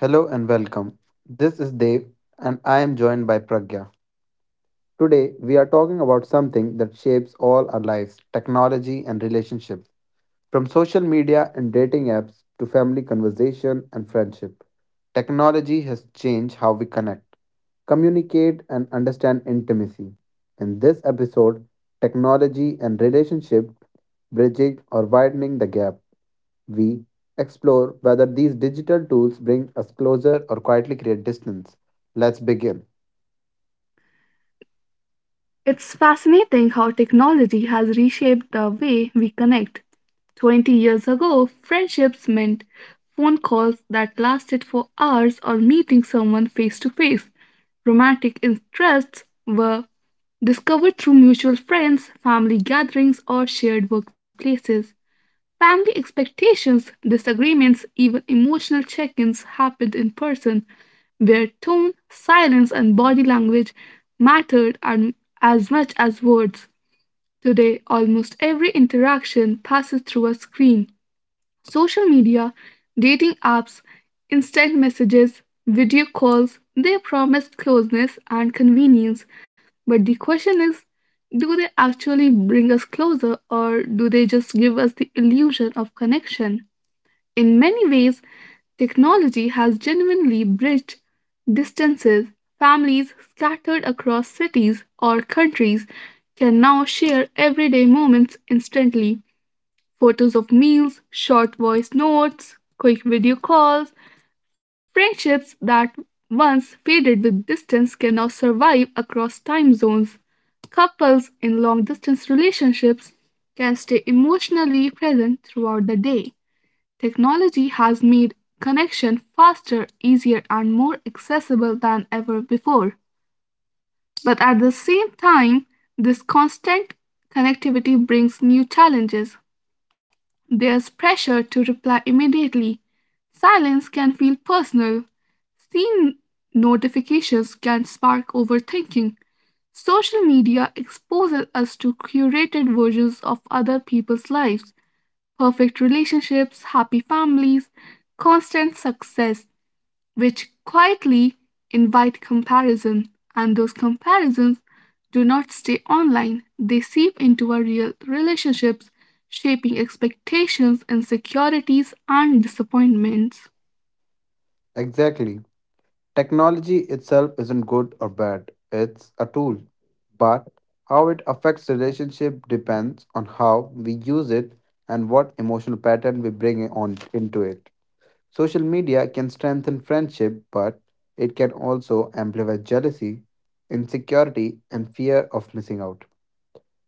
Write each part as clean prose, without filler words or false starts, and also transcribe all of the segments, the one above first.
Hello and welcome. This is Dev and I am joined by Pragya. Today we are talking about something that shapes all our lives technology and relationships. From social media and dating apps to family conversation and friendship, technology has changed how we connect, communicate, and understand intimacy. In this episode, technology and relationship bridging or widening the gap. We explore whether these digital tools bring us closer or quietly create distance. Let's begin. It's fascinating how technology has reshaped the way we connect. 20 years ago, friendships meant phone calls that lasted for hours or meeting someone face to face. Romantic interests were discovered through mutual friends, family gatherings, or shared workplaces. Family expectations, disagreements, even emotional check ins happened in person, where tone, silence, and body language mattered and as much as words. Today, almost every interaction passes through a screen. Social media, dating apps, instant messages, video calls, they promise closeness and convenience. But the question is, do they actually bring us closer, or do they just give us the illusion of connection? In many ways, technology has genuinely bridged distances. Families scattered across cities or countries can now share everyday moments instantly. Photos of meals, short voice notes, quick video calls, friendships that once faded with distance can now survive across time zones. Couples in long distance relationships can stay emotionally present throughout the day. Technology has made connection faster, easier, and more accessible than ever before. But at the same time, this constant connectivity brings new challenges. There's pressure to reply immediately. Silence can feel personal. Seen notifications can spark overthinking. Social media exposes us to curated versions of other people's lives, perfect relationships, happy families, constant success, which quietly invite comparison. And those comparisons do not stay online. They seep into our real relationships, shaping expectations, insecurities, and disappointments. Exactly. Technology itself isn't good or bad, it's a tool. But how it affects relationship depends on how we use it and what emotional pattern we bring on into it. Social media can strengthen friendship, but it can also amplify jealousy, insecurity, and fear of missing out.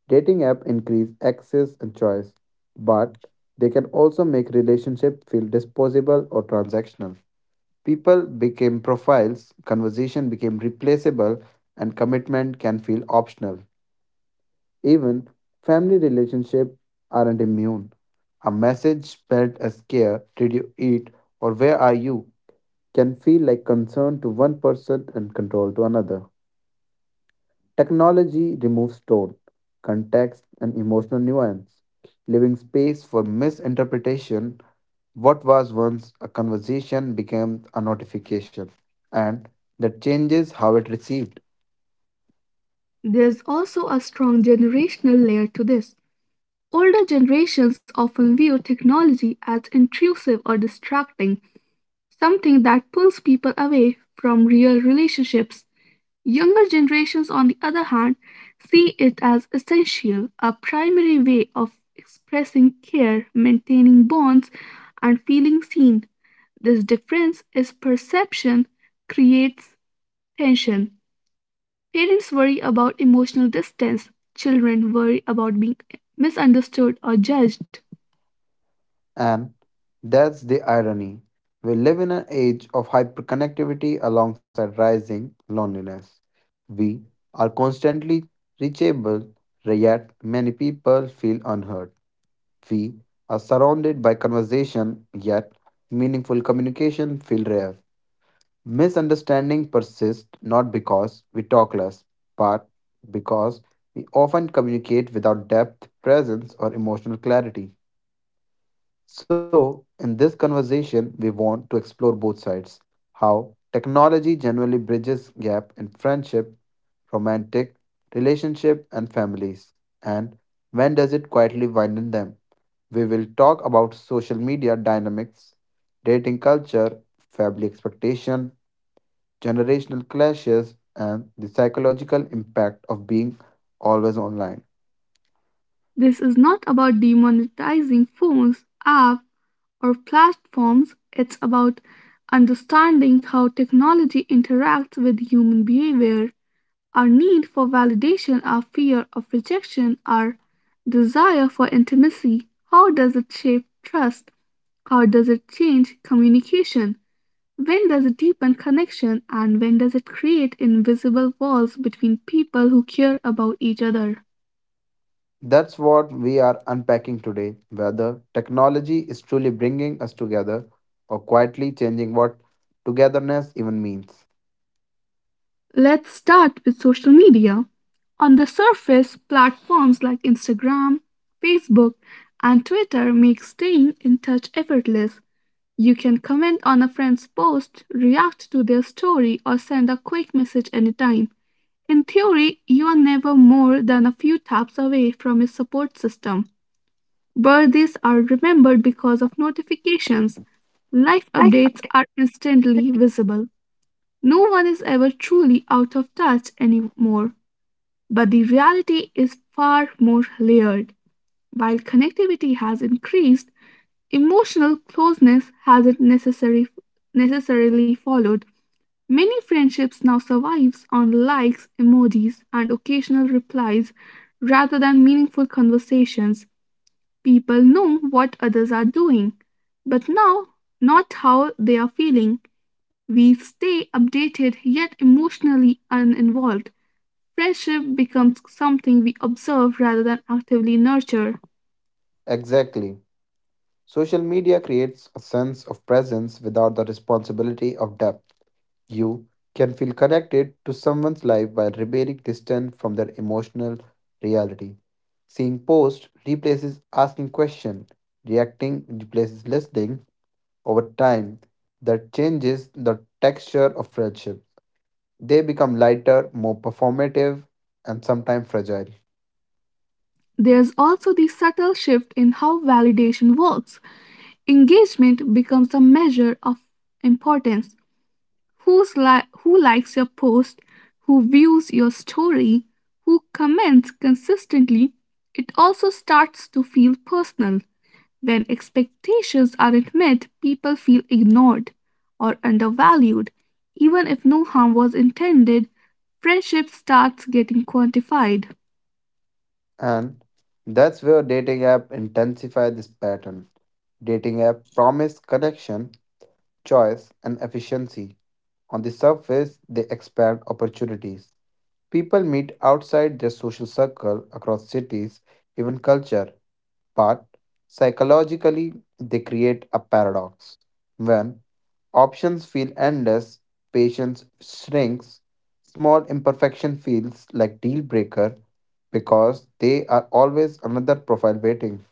Dating app increase access and choice, but they can also make relationship feel disposable or transactional. People became profiles, conversation became replaceable, and commitment can feel optional. Even family relationships aren't immune. A message spelled as care, did you eat, or where are you, can feel like concern to one person and control to another. Technology removes tone, context, and emotional nuance, leaving space for misinterpretation. What was once a conversation became a notification, and that changes how it received. There's also a strong generational layer to this. Older generations often view technology as intrusive or distracting, something that pulls people away from real relationships. Younger generations, on the other hand, see it as essential, a primary way of expressing care, maintaining bonds, and feeling seen. This difference is perception creates tension. Parents worry about emotional distance, children worry about being misunderstood or judged. And that's the irony. We live in an age of hyperconnectivity alongside rising loneliness. We are constantly reachable, yet many people feel unheard. We are surrounded by conversation, yet meaningful communication feels rare. Misunderstanding persist not because we talk less, but because we often communicate without depth, presence, or emotional clarity. So, in this conversation, we want to explore both sides how technology generally bridges gap in friendship, romantic, relationship and families and when does it quietly widen them? We will talk about social media dynamics, dating culture, family expectation, generational clashes and the psychological impact of being always online. This is not about demonetizing phones, apps, or platforms. It's about understanding how technology interacts with human behavior. Our need for validation, our fear of rejection, our desire for intimacy. How does it shape trust? How does it change communication? When does it deepen connection, and when does it create invisible walls between people who care about each other? That's what we are unpacking today whether technology is truly bringing us together or quietly changing what togetherness even means. Let's start with social media. On the surface, platforms like Instagram, Facebook, and Twitter make staying in touch effortless. You can comment on a friend's post, react to their story, or send a quick message anytime. In theory, you are never more than a few taps away from your support system. Birthdays are remembered because of notifications. Life updates are instantly visible. No one is ever truly out of touch anymore, but the reality is far more layered. While connectivity has increased, emotional closeness hasn't necessarily followed. Many friendships now survives on likes, emojis, and occasional replies rather than meaningful conversations. People know what others are doing, but now not how they are feeling. We stay updated yet emotionally uninvolved. Friendship becomes something we observe rather than actively nurture. Exactly. Social media creates a sense of presence without the responsibility of depth. You can feel connected to someone's life while remaining distant from their emotional reality. Seeing posts replaces asking questions. Reacting replaces listening, over time that changes the texture of friendships. They become lighter, more performative, and sometimes fragile. There's also the subtle shift in how validation works. Engagement becomes a measure of importance, who likes your post, who views your story, who comments consistently. It also starts to feel personal. When expectations aren't met, people feel ignored or undervalued. Even if no harm was intended, friendship starts getting quantified. And that's where dating app intensify this pattern. Dating app promise connection, choice, and efficiency. On the surface, they expand opportunities. People meet outside their social circle across cities, even culture, but psychologically, they create a paradox. When options feel endless, patience shrinks, small imperfection feels like deal breaker because they are always another profile waiting.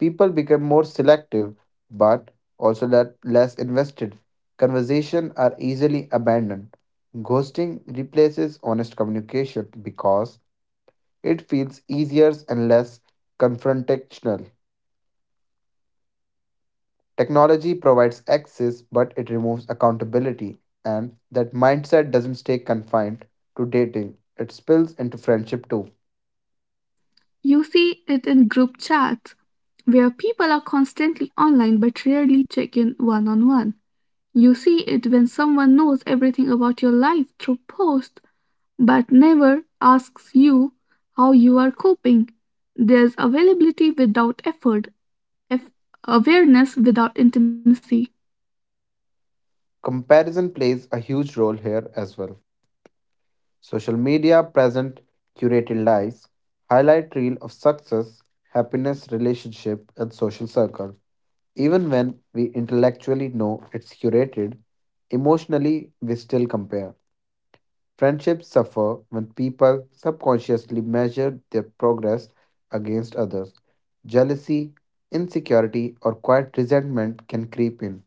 People become more selective but also less invested. Conversation are easily abandoned. Ghosting replaces honest communication because it feels easier and less confrontational. Technology provides access, but it removes accountability, and that mindset doesn't stay confined to dating, it spills into friendship too. You see it in group chats where people are constantly online but rarely check in one on one. You see it when someone knows everything about your life through posts but never asks you how you are coping. There's availability without effort, eff- awareness without intimacy. Comparison plays a huge role here as well. Social media present curated lives, highlight reel of success, happiness, relationship, and social circle. Even when we intellectually know it's curated, emotionally we still compare. Friendships suffer when people subconsciously measure their progress against others. Jealousy, insecurity, or quiet resentment can creep in,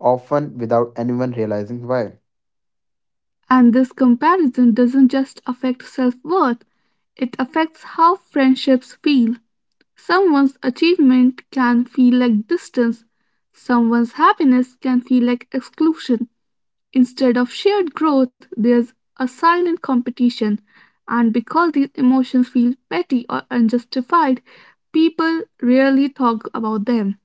often without anyone realizing why. And this comparison doesn't just affect self worth, it affects how friendships feel. Someone's achievement can feel like distance, someone's happiness can feel like exclusion. Instead of shared growth, there's a silent competition, and because these emotions feel petty or unjustified, people rarely talk about them.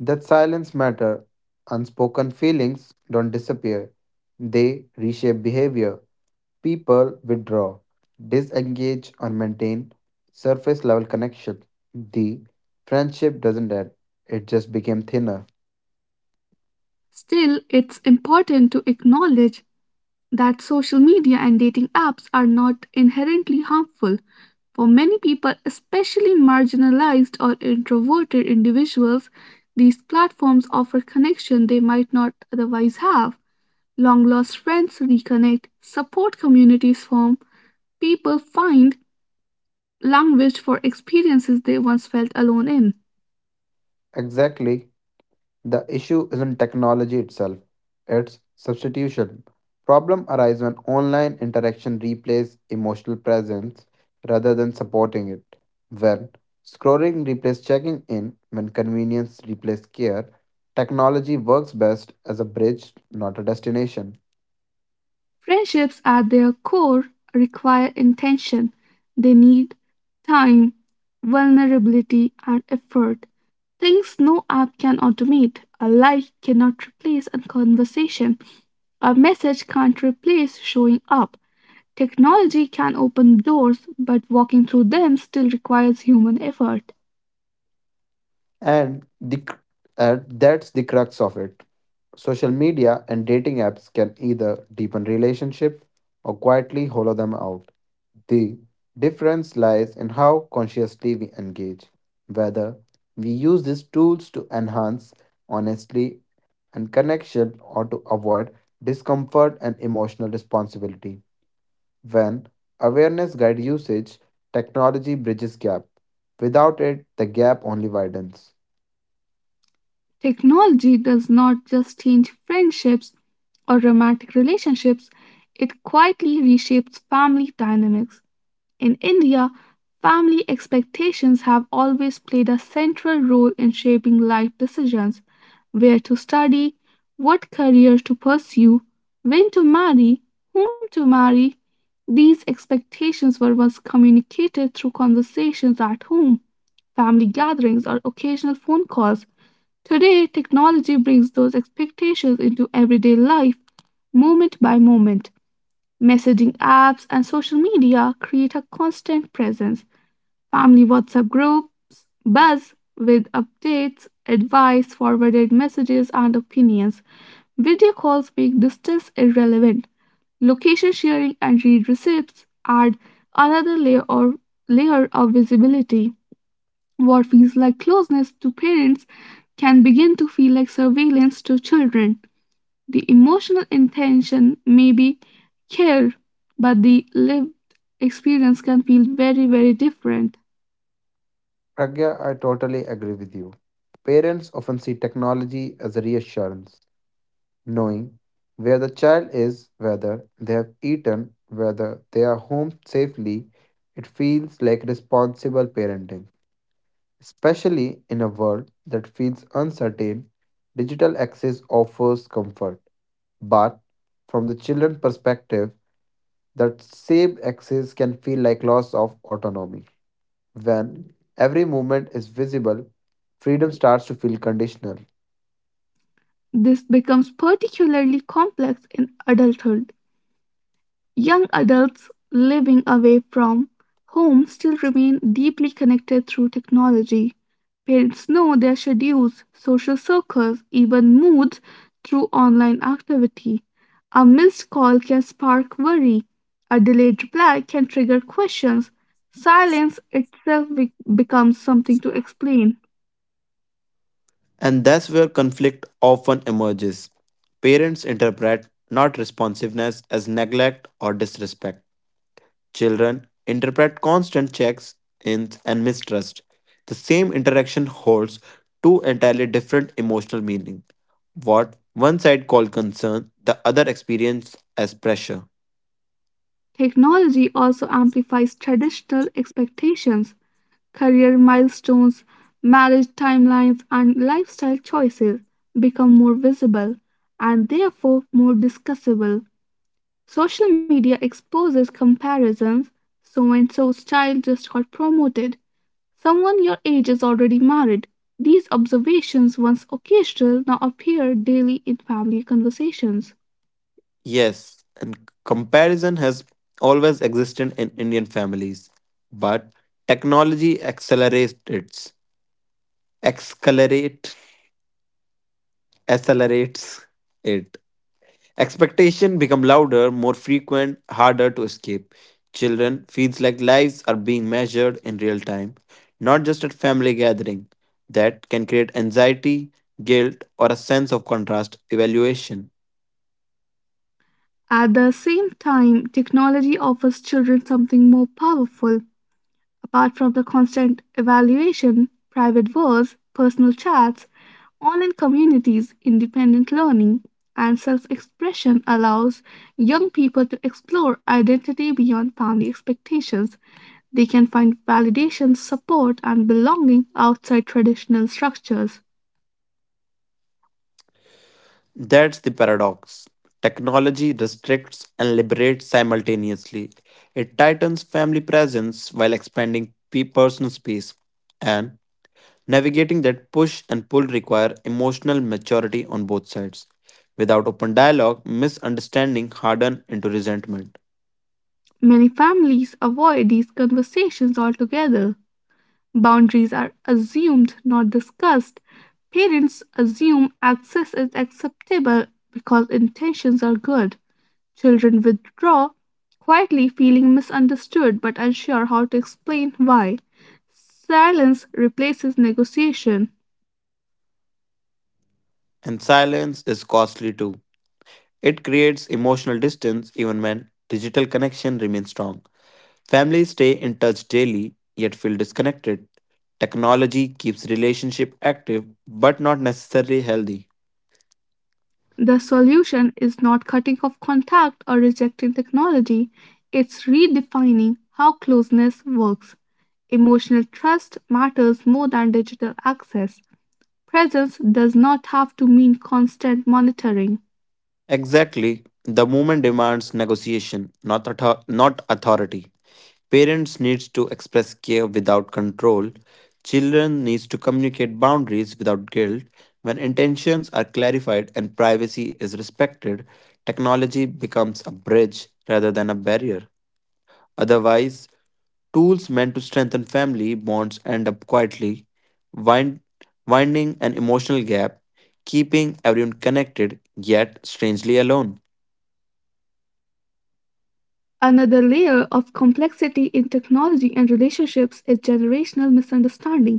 That silence matter, unspoken feelings don't disappear. They reshape behavior. People withdraw, disengage, or maintain surface level connection. The friendship doesn't end, it just became thinner. Still, it's important to acknowledge that social media and dating apps are not inherently harmful. For many people, especially marginalized or introverted individuals, these platforms offer connection they might not otherwise have. Long lost friends reconnect, support communities form, people find language for experiences they once felt alone in. Exactly. The issue isn't technology itself, it's substitution. Problem arise when online interaction replaces emotional presence rather than supporting it. When scrolling replaces checking in, when convenience replaces care, technology works best as a bridge, not a destination. Friendships at their core require intention. They need time, vulnerability, and effort. Things no app can automate. A like cannot replace a conversation. A message can't replace showing up. Technology can open doors, but walking through them still requires human effort. And the cr- and that's the crux of it. Social media and dating apps can either deepen relationship or quietly hollow them out. The difference lies in how consciously we engage, whether we use these tools to enhance honestly and connection or to avoid discomfort and emotional responsibility. When awareness guides usage, technology bridges gap. Without it, the gap only widens. Technology does not just change friendships or romantic relationships, it quietly reshapes family dynamics. In India, family expectations have always played a central role in shaping life decisions, where to study, what career to pursue, when to marry, whom to marry. These expectations were once communicated through conversations at home, family gatherings, or occasional phone calls. Today, technology brings those expectations into everyday life, moment by moment. Messaging apps and social media create a constant presence. Family WhatsApp groups buzz with updates, advice, forwarded messages, and opinions. Video calls make distance irrelevant. Location sharing and read receipts add another layer of visibility. What feels like closeness to parents can begin to feel like surveillance to children. The emotional intention may be care, but the lived experience can feel very, very different. Pragya, I totally agree with you. Parents often see technology as a reassurance knowing where the child is, whether they have eaten, whether they are home safely, it feels like responsible parenting. Especially in a world that feels uncertain, digital access offers comfort. But from the children's perspective, that same access can feel like loss of autonomy. When every movement is visible, freedom starts to feel conditional. This becomes particularly complex in adulthood. Young adults living away from home still remain deeply connected through technology. Parents know their schedules, social circles, even moods through online activity. A missed call can spark worry. A delayed reply can trigger questions. Silence itself becomes something to explain. And that's where conflict often emerges. Parents interpret not responsiveness as neglect or disrespect. Children interpret constant checks ins and mistrust. The same interaction holds two entirely different emotional meaning. What one side called concern, the other experience as pressure. Technology also amplifies traditional expectations. Career milestones, marriage timelines, and lifestyle choices become more visible and therefore more discussable. Social media exposes comparisons. So and so's child just got promoted. Someone your age is already married. These observations, once occasional, now appear daily in family conversations. Yes, and comparison has always existed in Indian families, but technology accelerates it. Accelerate Accelerates it. Expectation become louder, more frequent, harder to escape. Children feels like lives are being measured in real time, not just at family gathering. That can create anxiety, guilt, or a sense of contrast evaluation. At the same time, technology offers children something more powerful. Apart from the constant evaluation, private wars, personal chats, online communities, independent learning, and self expression allows young people to explore identity beyond family expectations. They can find validation, support, and belonging outside traditional structures. That's the paradox. Technology restricts and liberates simultaneously. It tightens family presence while expanding personal space. And navigating that push and pull require emotional maturity on both sides. Without open dialogue, misunderstanding harden into resentment. Many families avoid these conversations altogether. Boundaries are assumed, not discussed. Parents assume access is acceptable because intentions are good. Children withdraw, quietly feeling misunderstood but unsure how to explain why. Silence replaces negotiation. And silence is costly too. It creates emotional distance even when digital connection remains strong. Families stay in touch daily yet feel disconnected. Technology keeps relationship active but not necessarily healthy. The solution is not cutting off contact or rejecting technology, it's redefining how closeness works. Emotional trust matters more than digital access. Presence does not have to mean constant monitoring. Exactly. The movement demands negotiation, not authority. Parents need to express care without control. Children need to communicate boundaries without guilt. When intentions are clarified and privacy is respected, technology becomes a bridge rather than a barrier. Otherwise, tools meant to strengthen family bonds end up quietly wind- winding an emotional gap, keeping everyone connected yet strangely alone. Another layer of complexity in technology and relationships is generational misunderstanding.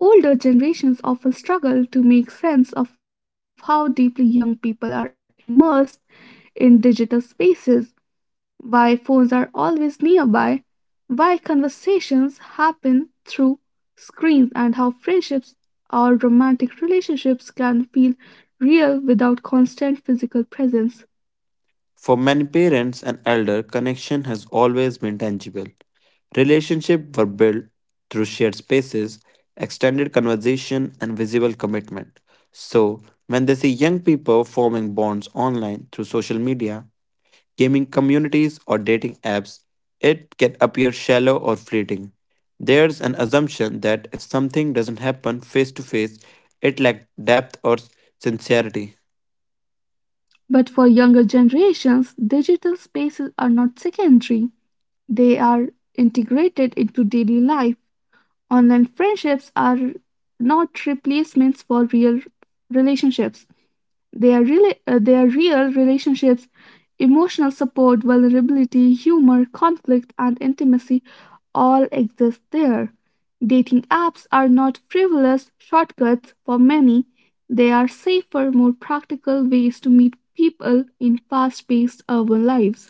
Older generations often struggle to make sense of how deeply young people are immersed in digital spaces, why phones are always nearby, why conversations happen through screens, and how friendships or romantic relationships can feel real without constant physical presence. For many parents and elder, connection has always been tangible. Relationships were built through shared spaces, extended conversation, and visible commitment. So, when they see young people forming bonds online through social media, gaming communities, or dating apps, it can appear shallow or fleeting. There's an assumption that if something doesn't happen face to face, it lacks depth or sincerity. But for younger generations, digital spaces are not secondary, they are integrated into daily life. Online friendships are not replacements for real relationships. They are real relationships, emotional support, vulnerability, humor, conflict, and intimacy all exist there. Dating apps are not frivolous shortcuts for many. They are safer, more practical ways to meet people in fast paced urban lives.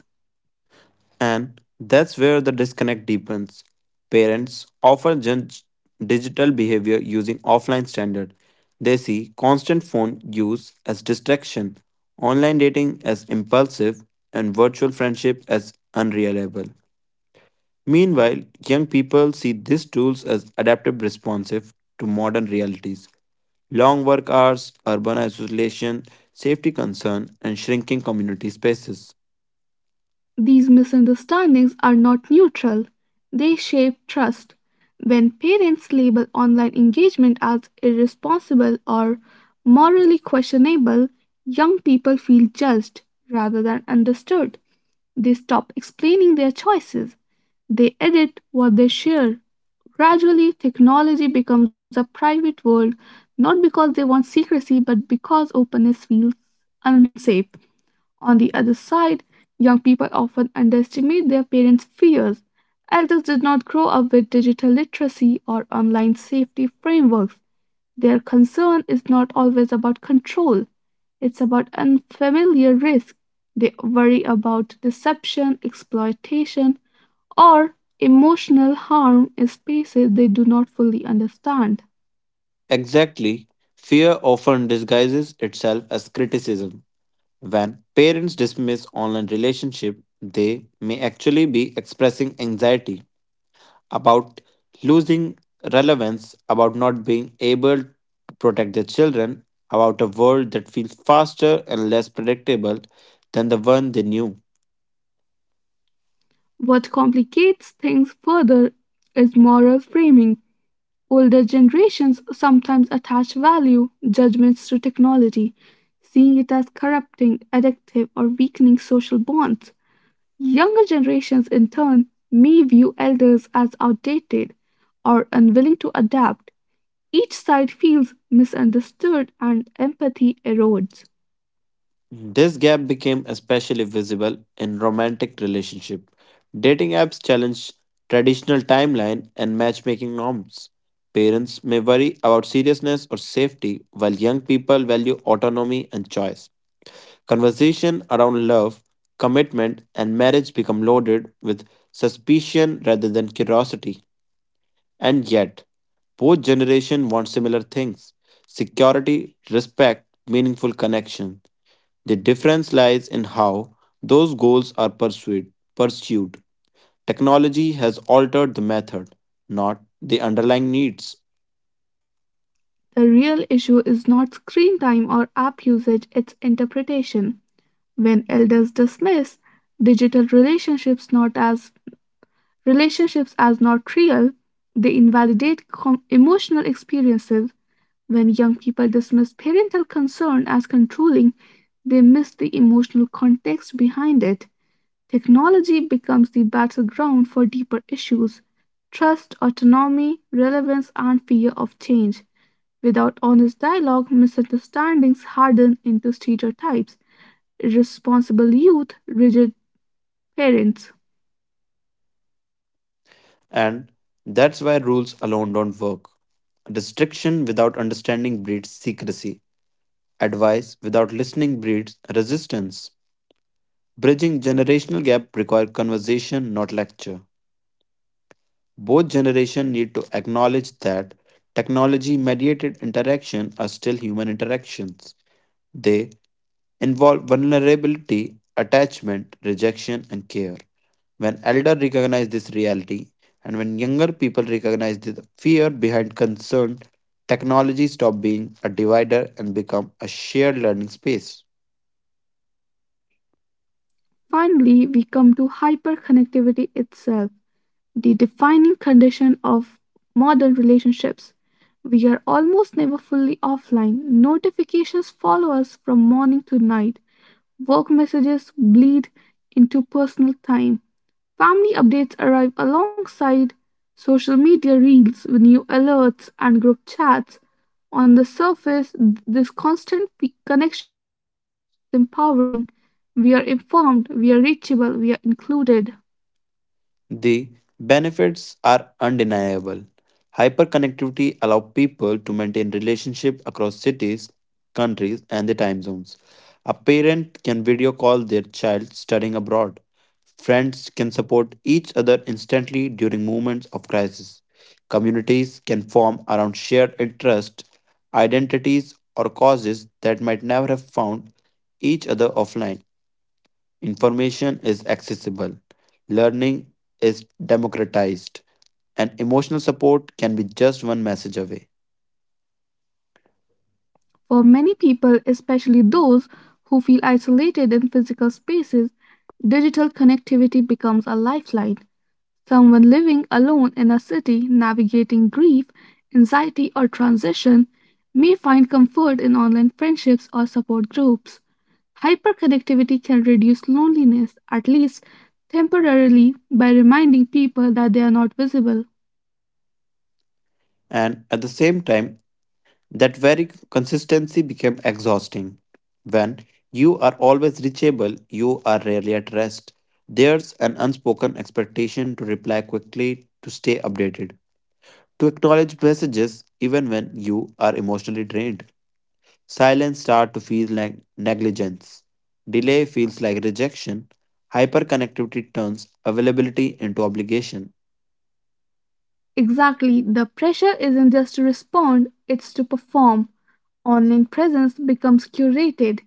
And that's where the disconnect deepens. Parents often judge digital behavior using offline standards. They see constant phone use as distraction, online dating as impulsive, and virtual friendship as unreliable. Meanwhile, young people see these tools as adaptive responsive to modern realities. Long work hours, urban isolation, safety concern, and shrinking community spaces. These misunderstandings are not neutral, they shape trust. When parents label online engagement as irresponsible or morally questionable, young people feel judged rather than understood. They stop explaining their choices. They edit what they share. Gradually, technology becomes a private world, not because they want secrecy, but because openness feels unsafe. On the other side, young people often underestimate their parents' fears. Elders did not grow up with digital literacy or online safety frameworks. Their concern is not always about control, it's about unfamiliar risk. They worry about deception, exploitation, or emotional harm in spaces they do not fully understand. Exactly. Fear often disguises itself as criticism. When parents dismiss online relationship, they may actually be expressing anxiety about losing relevance, about not being able to protect their children, about a world that feels faster and less predictable than the one they knew. What complicates things further is moral framing. Older generations sometimes attach value judgments to technology, seeing it as corrupting, addictive, or weakening social bonds. Younger generations, in turn, may view elders as outdated or unwilling to adapt. Each side feels misunderstood and empathy erodes. This gap became especially visible in romantic relationships. Dating apps challenge traditional timeline and matchmaking norms. Parents may worry about seriousness or safety, while young people value autonomy and choice. Conversation around love, commitment, and marriage become loaded with suspicion rather than curiosity. And yet, both generation want similar things: security, respect, meaningful connection. The difference lies in how those goals are pursued. Technology has altered the method, not the underlying needs. The real issue is not screen time or app usage, it's interpretation. When elders dismiss digital relationships not as relationships as not real, they invalidate emotional experiences. When young people dismiss parental concern as controlling, they miss the emotional context behind it. Technology becomes the battleground for deeper issues, trust, autonomy, relevance, and fear of change. Without honest dialogue, misunderstandings harden into stereotypes. Irresponsible youth, rigid parents. And that's why rules alone don't work. Restriction without understanding breeds secrecy. Advice without listening breeds resistance. Bridging generational gap requires conversation, not lecture. Both generations need to acknowledge that technology mediated interaction are still human interactions. They involve vulnerability, attachment, rejection, and care. When elder recognize this reality and when younger people recognize the fear behind concern, technology stop being a divider and become a shared learning space. Finally, we come to hyperconnectivity itself, the defining condition of modern relationships. We are almost never fully offline. Notifications follow us from morning to night. Work messages bleed into personal time. Family updates arrive alongside social media reels with new alerts and group chats. On the surface, this constant connection feels empowering. We are informed, we are reachable, we are included. The benefits are undeniable. Hyperconnectivity allows people to maintain relationships across cities, countries, and the time zones. A parent can video call their child studying abroad. Friends can support each other instantly during moments of crisis. Communities can form around shared interests, identities, or causes that might never have found each other offline. Information is accessible, learning is democratized, and emotional support can be just one message away. For many people, especially those who feel isolated in physical spaces, digital connectivity becomes a lifeline. Someone living alone in a city, navigating grief, anxiety, or transition may find comfort in online friendships or support groups. Hyperconnectivity can reduce loneliness, at least temporarily, by reminding people that they are not visible. And at the same time, that very consistency became exhausting. When you are always reachable, you are rarely at rest. There's an unspoken expectation to reply quickly, to stay updated, to acknowledge messages even when you are emotionally drained. Silence starts to feel like negligence. Delay feels like rejection. Hyperconnectivity turns availability into obligation. Exactly, the pressure isn't just to respond, it's to perform. Online presence becomes curated.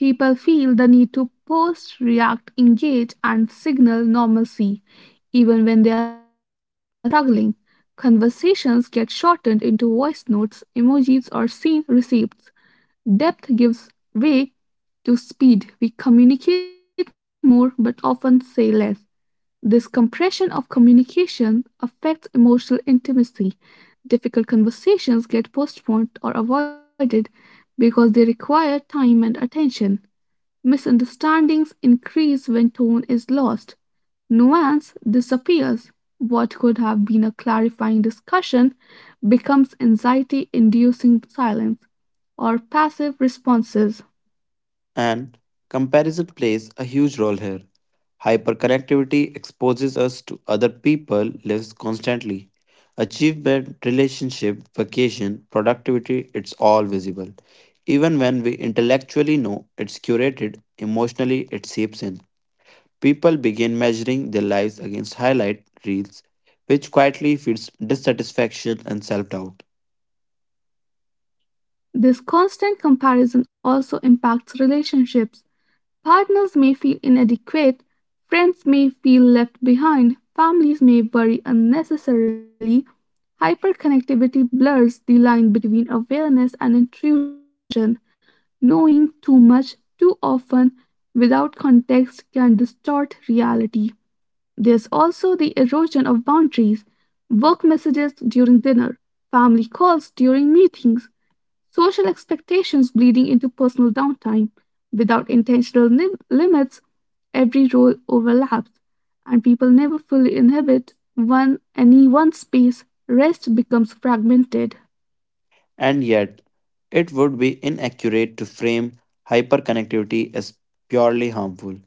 People feel the need to post, react, engage, and signal normalcy, even when they are struggling. Conversations get shortened into voice notes, emojis, or scene receipts. Depth gives way to speed. We communicate more but often say less. This compression of communication affects emotional intimacy. Difficult conversations get postponed or avoided because they require time and attention. Misunderstandings increase when tone is lost, nuance disappears, what could have been a clarifying discussion becomes anxiety inducing silence or passive responses. And comparison plays a huge role here. Hyperconnectivity exposes us to other people lives constantly. Achievement, relationship, vacation, productivity, it's all visible. Even when we intellectually know it's curated, emotionally it seeps in. People begin measuring their lives against highlight reels, which quietly feeds dissatisfaction and self doubt. This constant comparison also impacts relationships. Partners may feel inadequate, friends may feel left behind, families may worry unnecessarily. Hyperconnectivity blurs the line between awareness and intrusion. Knowing too much too often without context can distort reality. There's also the erosion of boundaries, work messages during dinner, family calls during meetings, social expectations bleeding into personal downtime. Without intentional limits, every role overlaps, and people never fully inhabit one any one space. Rest becomes fragmented. And yet, it would be inaccurate to frame hyperconnectivity as purely harmful.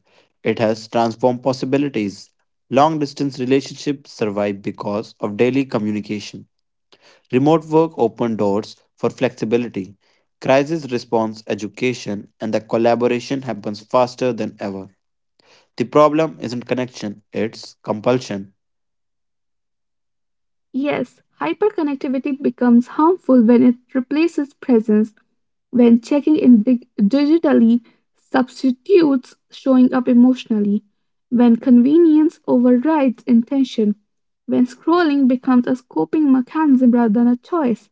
It has transformed possibilities. Long distance relationships survive because of daily communication. Remote work opened doors for flexibility. Crisis response education and the collaboration happens faster than ever. The problem isn't connection, it's compulsion, Yes, hyperconnectivity becomes harmful when it replaces presence, when checking in digitally substitutes showing up emotionally, when convenience overrides intention, when scrolling becomes a coping mechanism rather than a choice.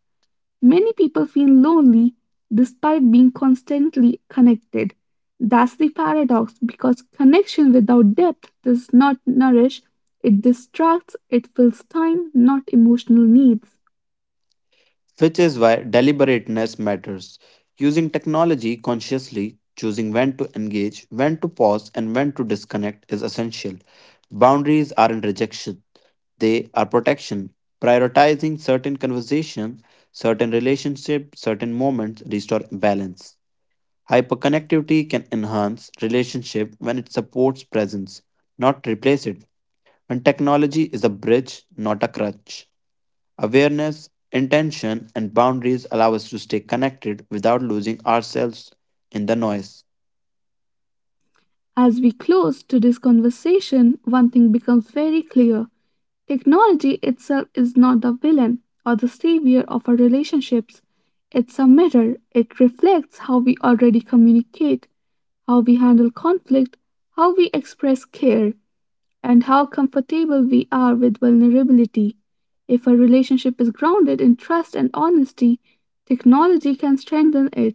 Many people feel lonely despite being constantly connected. That's the paradox because connection without depth does not nourish, it distracts, it fills time, not emotional needs. which is why deliberateness matters. Using technology consciously, choosing when to engage, when to pause, and when to disconnect is essential. Boundaries aren't rejection, they are protection. Prioritizing certain conversation, certain relationship, certain moments restore balance. Hyperconnectivity can enhance relationship when it supports presence, not replace it. When technology is a bridge, not a crutch. Awareness, intention, and boundaries allow us to stay connected without losing ourselves in the noise. As we close today's conversation, one thing becomes very clear, technology itself is not the villain or the savior of our relationships. It's a mirror, it reflects how we already communicate, how we handle conflict, how we express care, and how comfortable we are with vulnerability. If a relationship is grounded in trust and honesty, technology can strengthen it.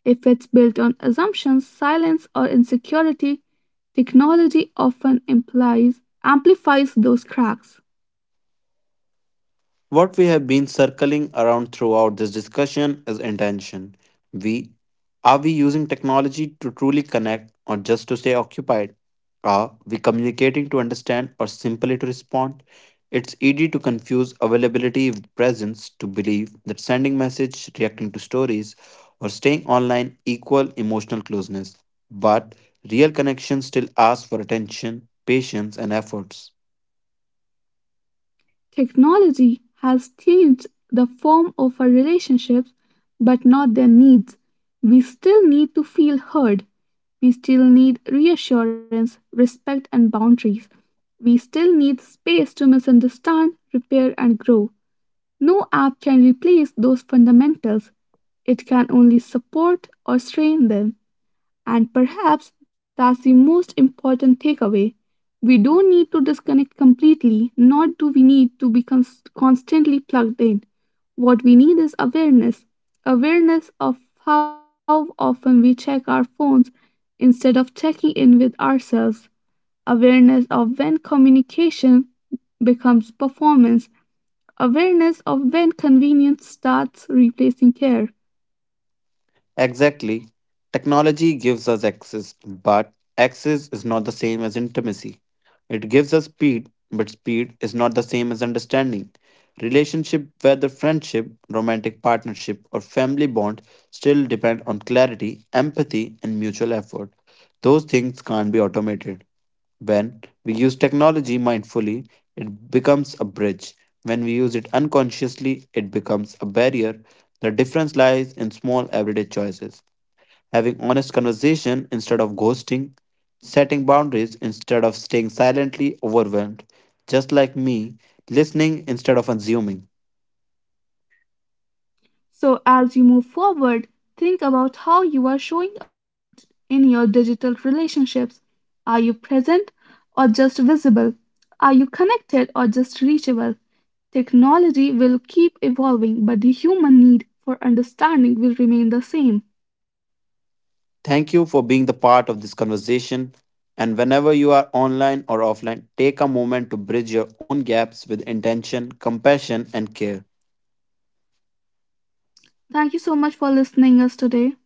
If it's built on assumptions, silence, or insecurity, technology often implies amplifies those cracks. What we have been circling around throughout this discussion is intention. We are we using technology to truly connect or just to stay occupied? Are we communicating to understand or simply to respond? It's easy to confuse availability with presence to believe that sending message, reacting to stories, or staying online equal emotional closeness. But real connection still asks for attention, patience, and efforts. Technology has changed the form of our relationships, but not their needs. We still need to feel heard. We still need reassurance, respect, and boundaries. We still need space to misunderstand, repair, and grow. No app can replace those fundamentals, it can only support or strain them. And perhaps that's the most important takeaway. We don't need to disconnect completely, nor do we need to be constantly plugged in. What we need is awareness, awareness of how often we check our phones instead of checking in with ourselves, awareness of when communication becomes performance, awareness of when convenience starts replacing care. Exactly. Technology gives us access, but access is not the same as intimacy. It gives us speed, but speed is not the same as understanding. Relationship, whether friendship, romantic partnership, or family bond, still depend on clarity, empathy, and mutual effort. Those things can't be automated. When we use technology mindfully, it becomes a bridge. When we use it unconsciously, it becomes a barrier. The difference lies in small everyday choices. Having honest conversation instead of ghosting, setting boundaries instead of staying silently overwhelmed, just like me, listening instead of assuming. So, as you move forward, think about how you are showing up in your digital relationships. Are you present or just visible? Are you connected or just reachable? Technology will keep evolving, but the human need for understanding will remain the same. Thank you for being the part of this conversation. And whenever you are online or offline, take a moment to bridge your own gaps with intention, compassion, and care. Thank you so much for listening us today.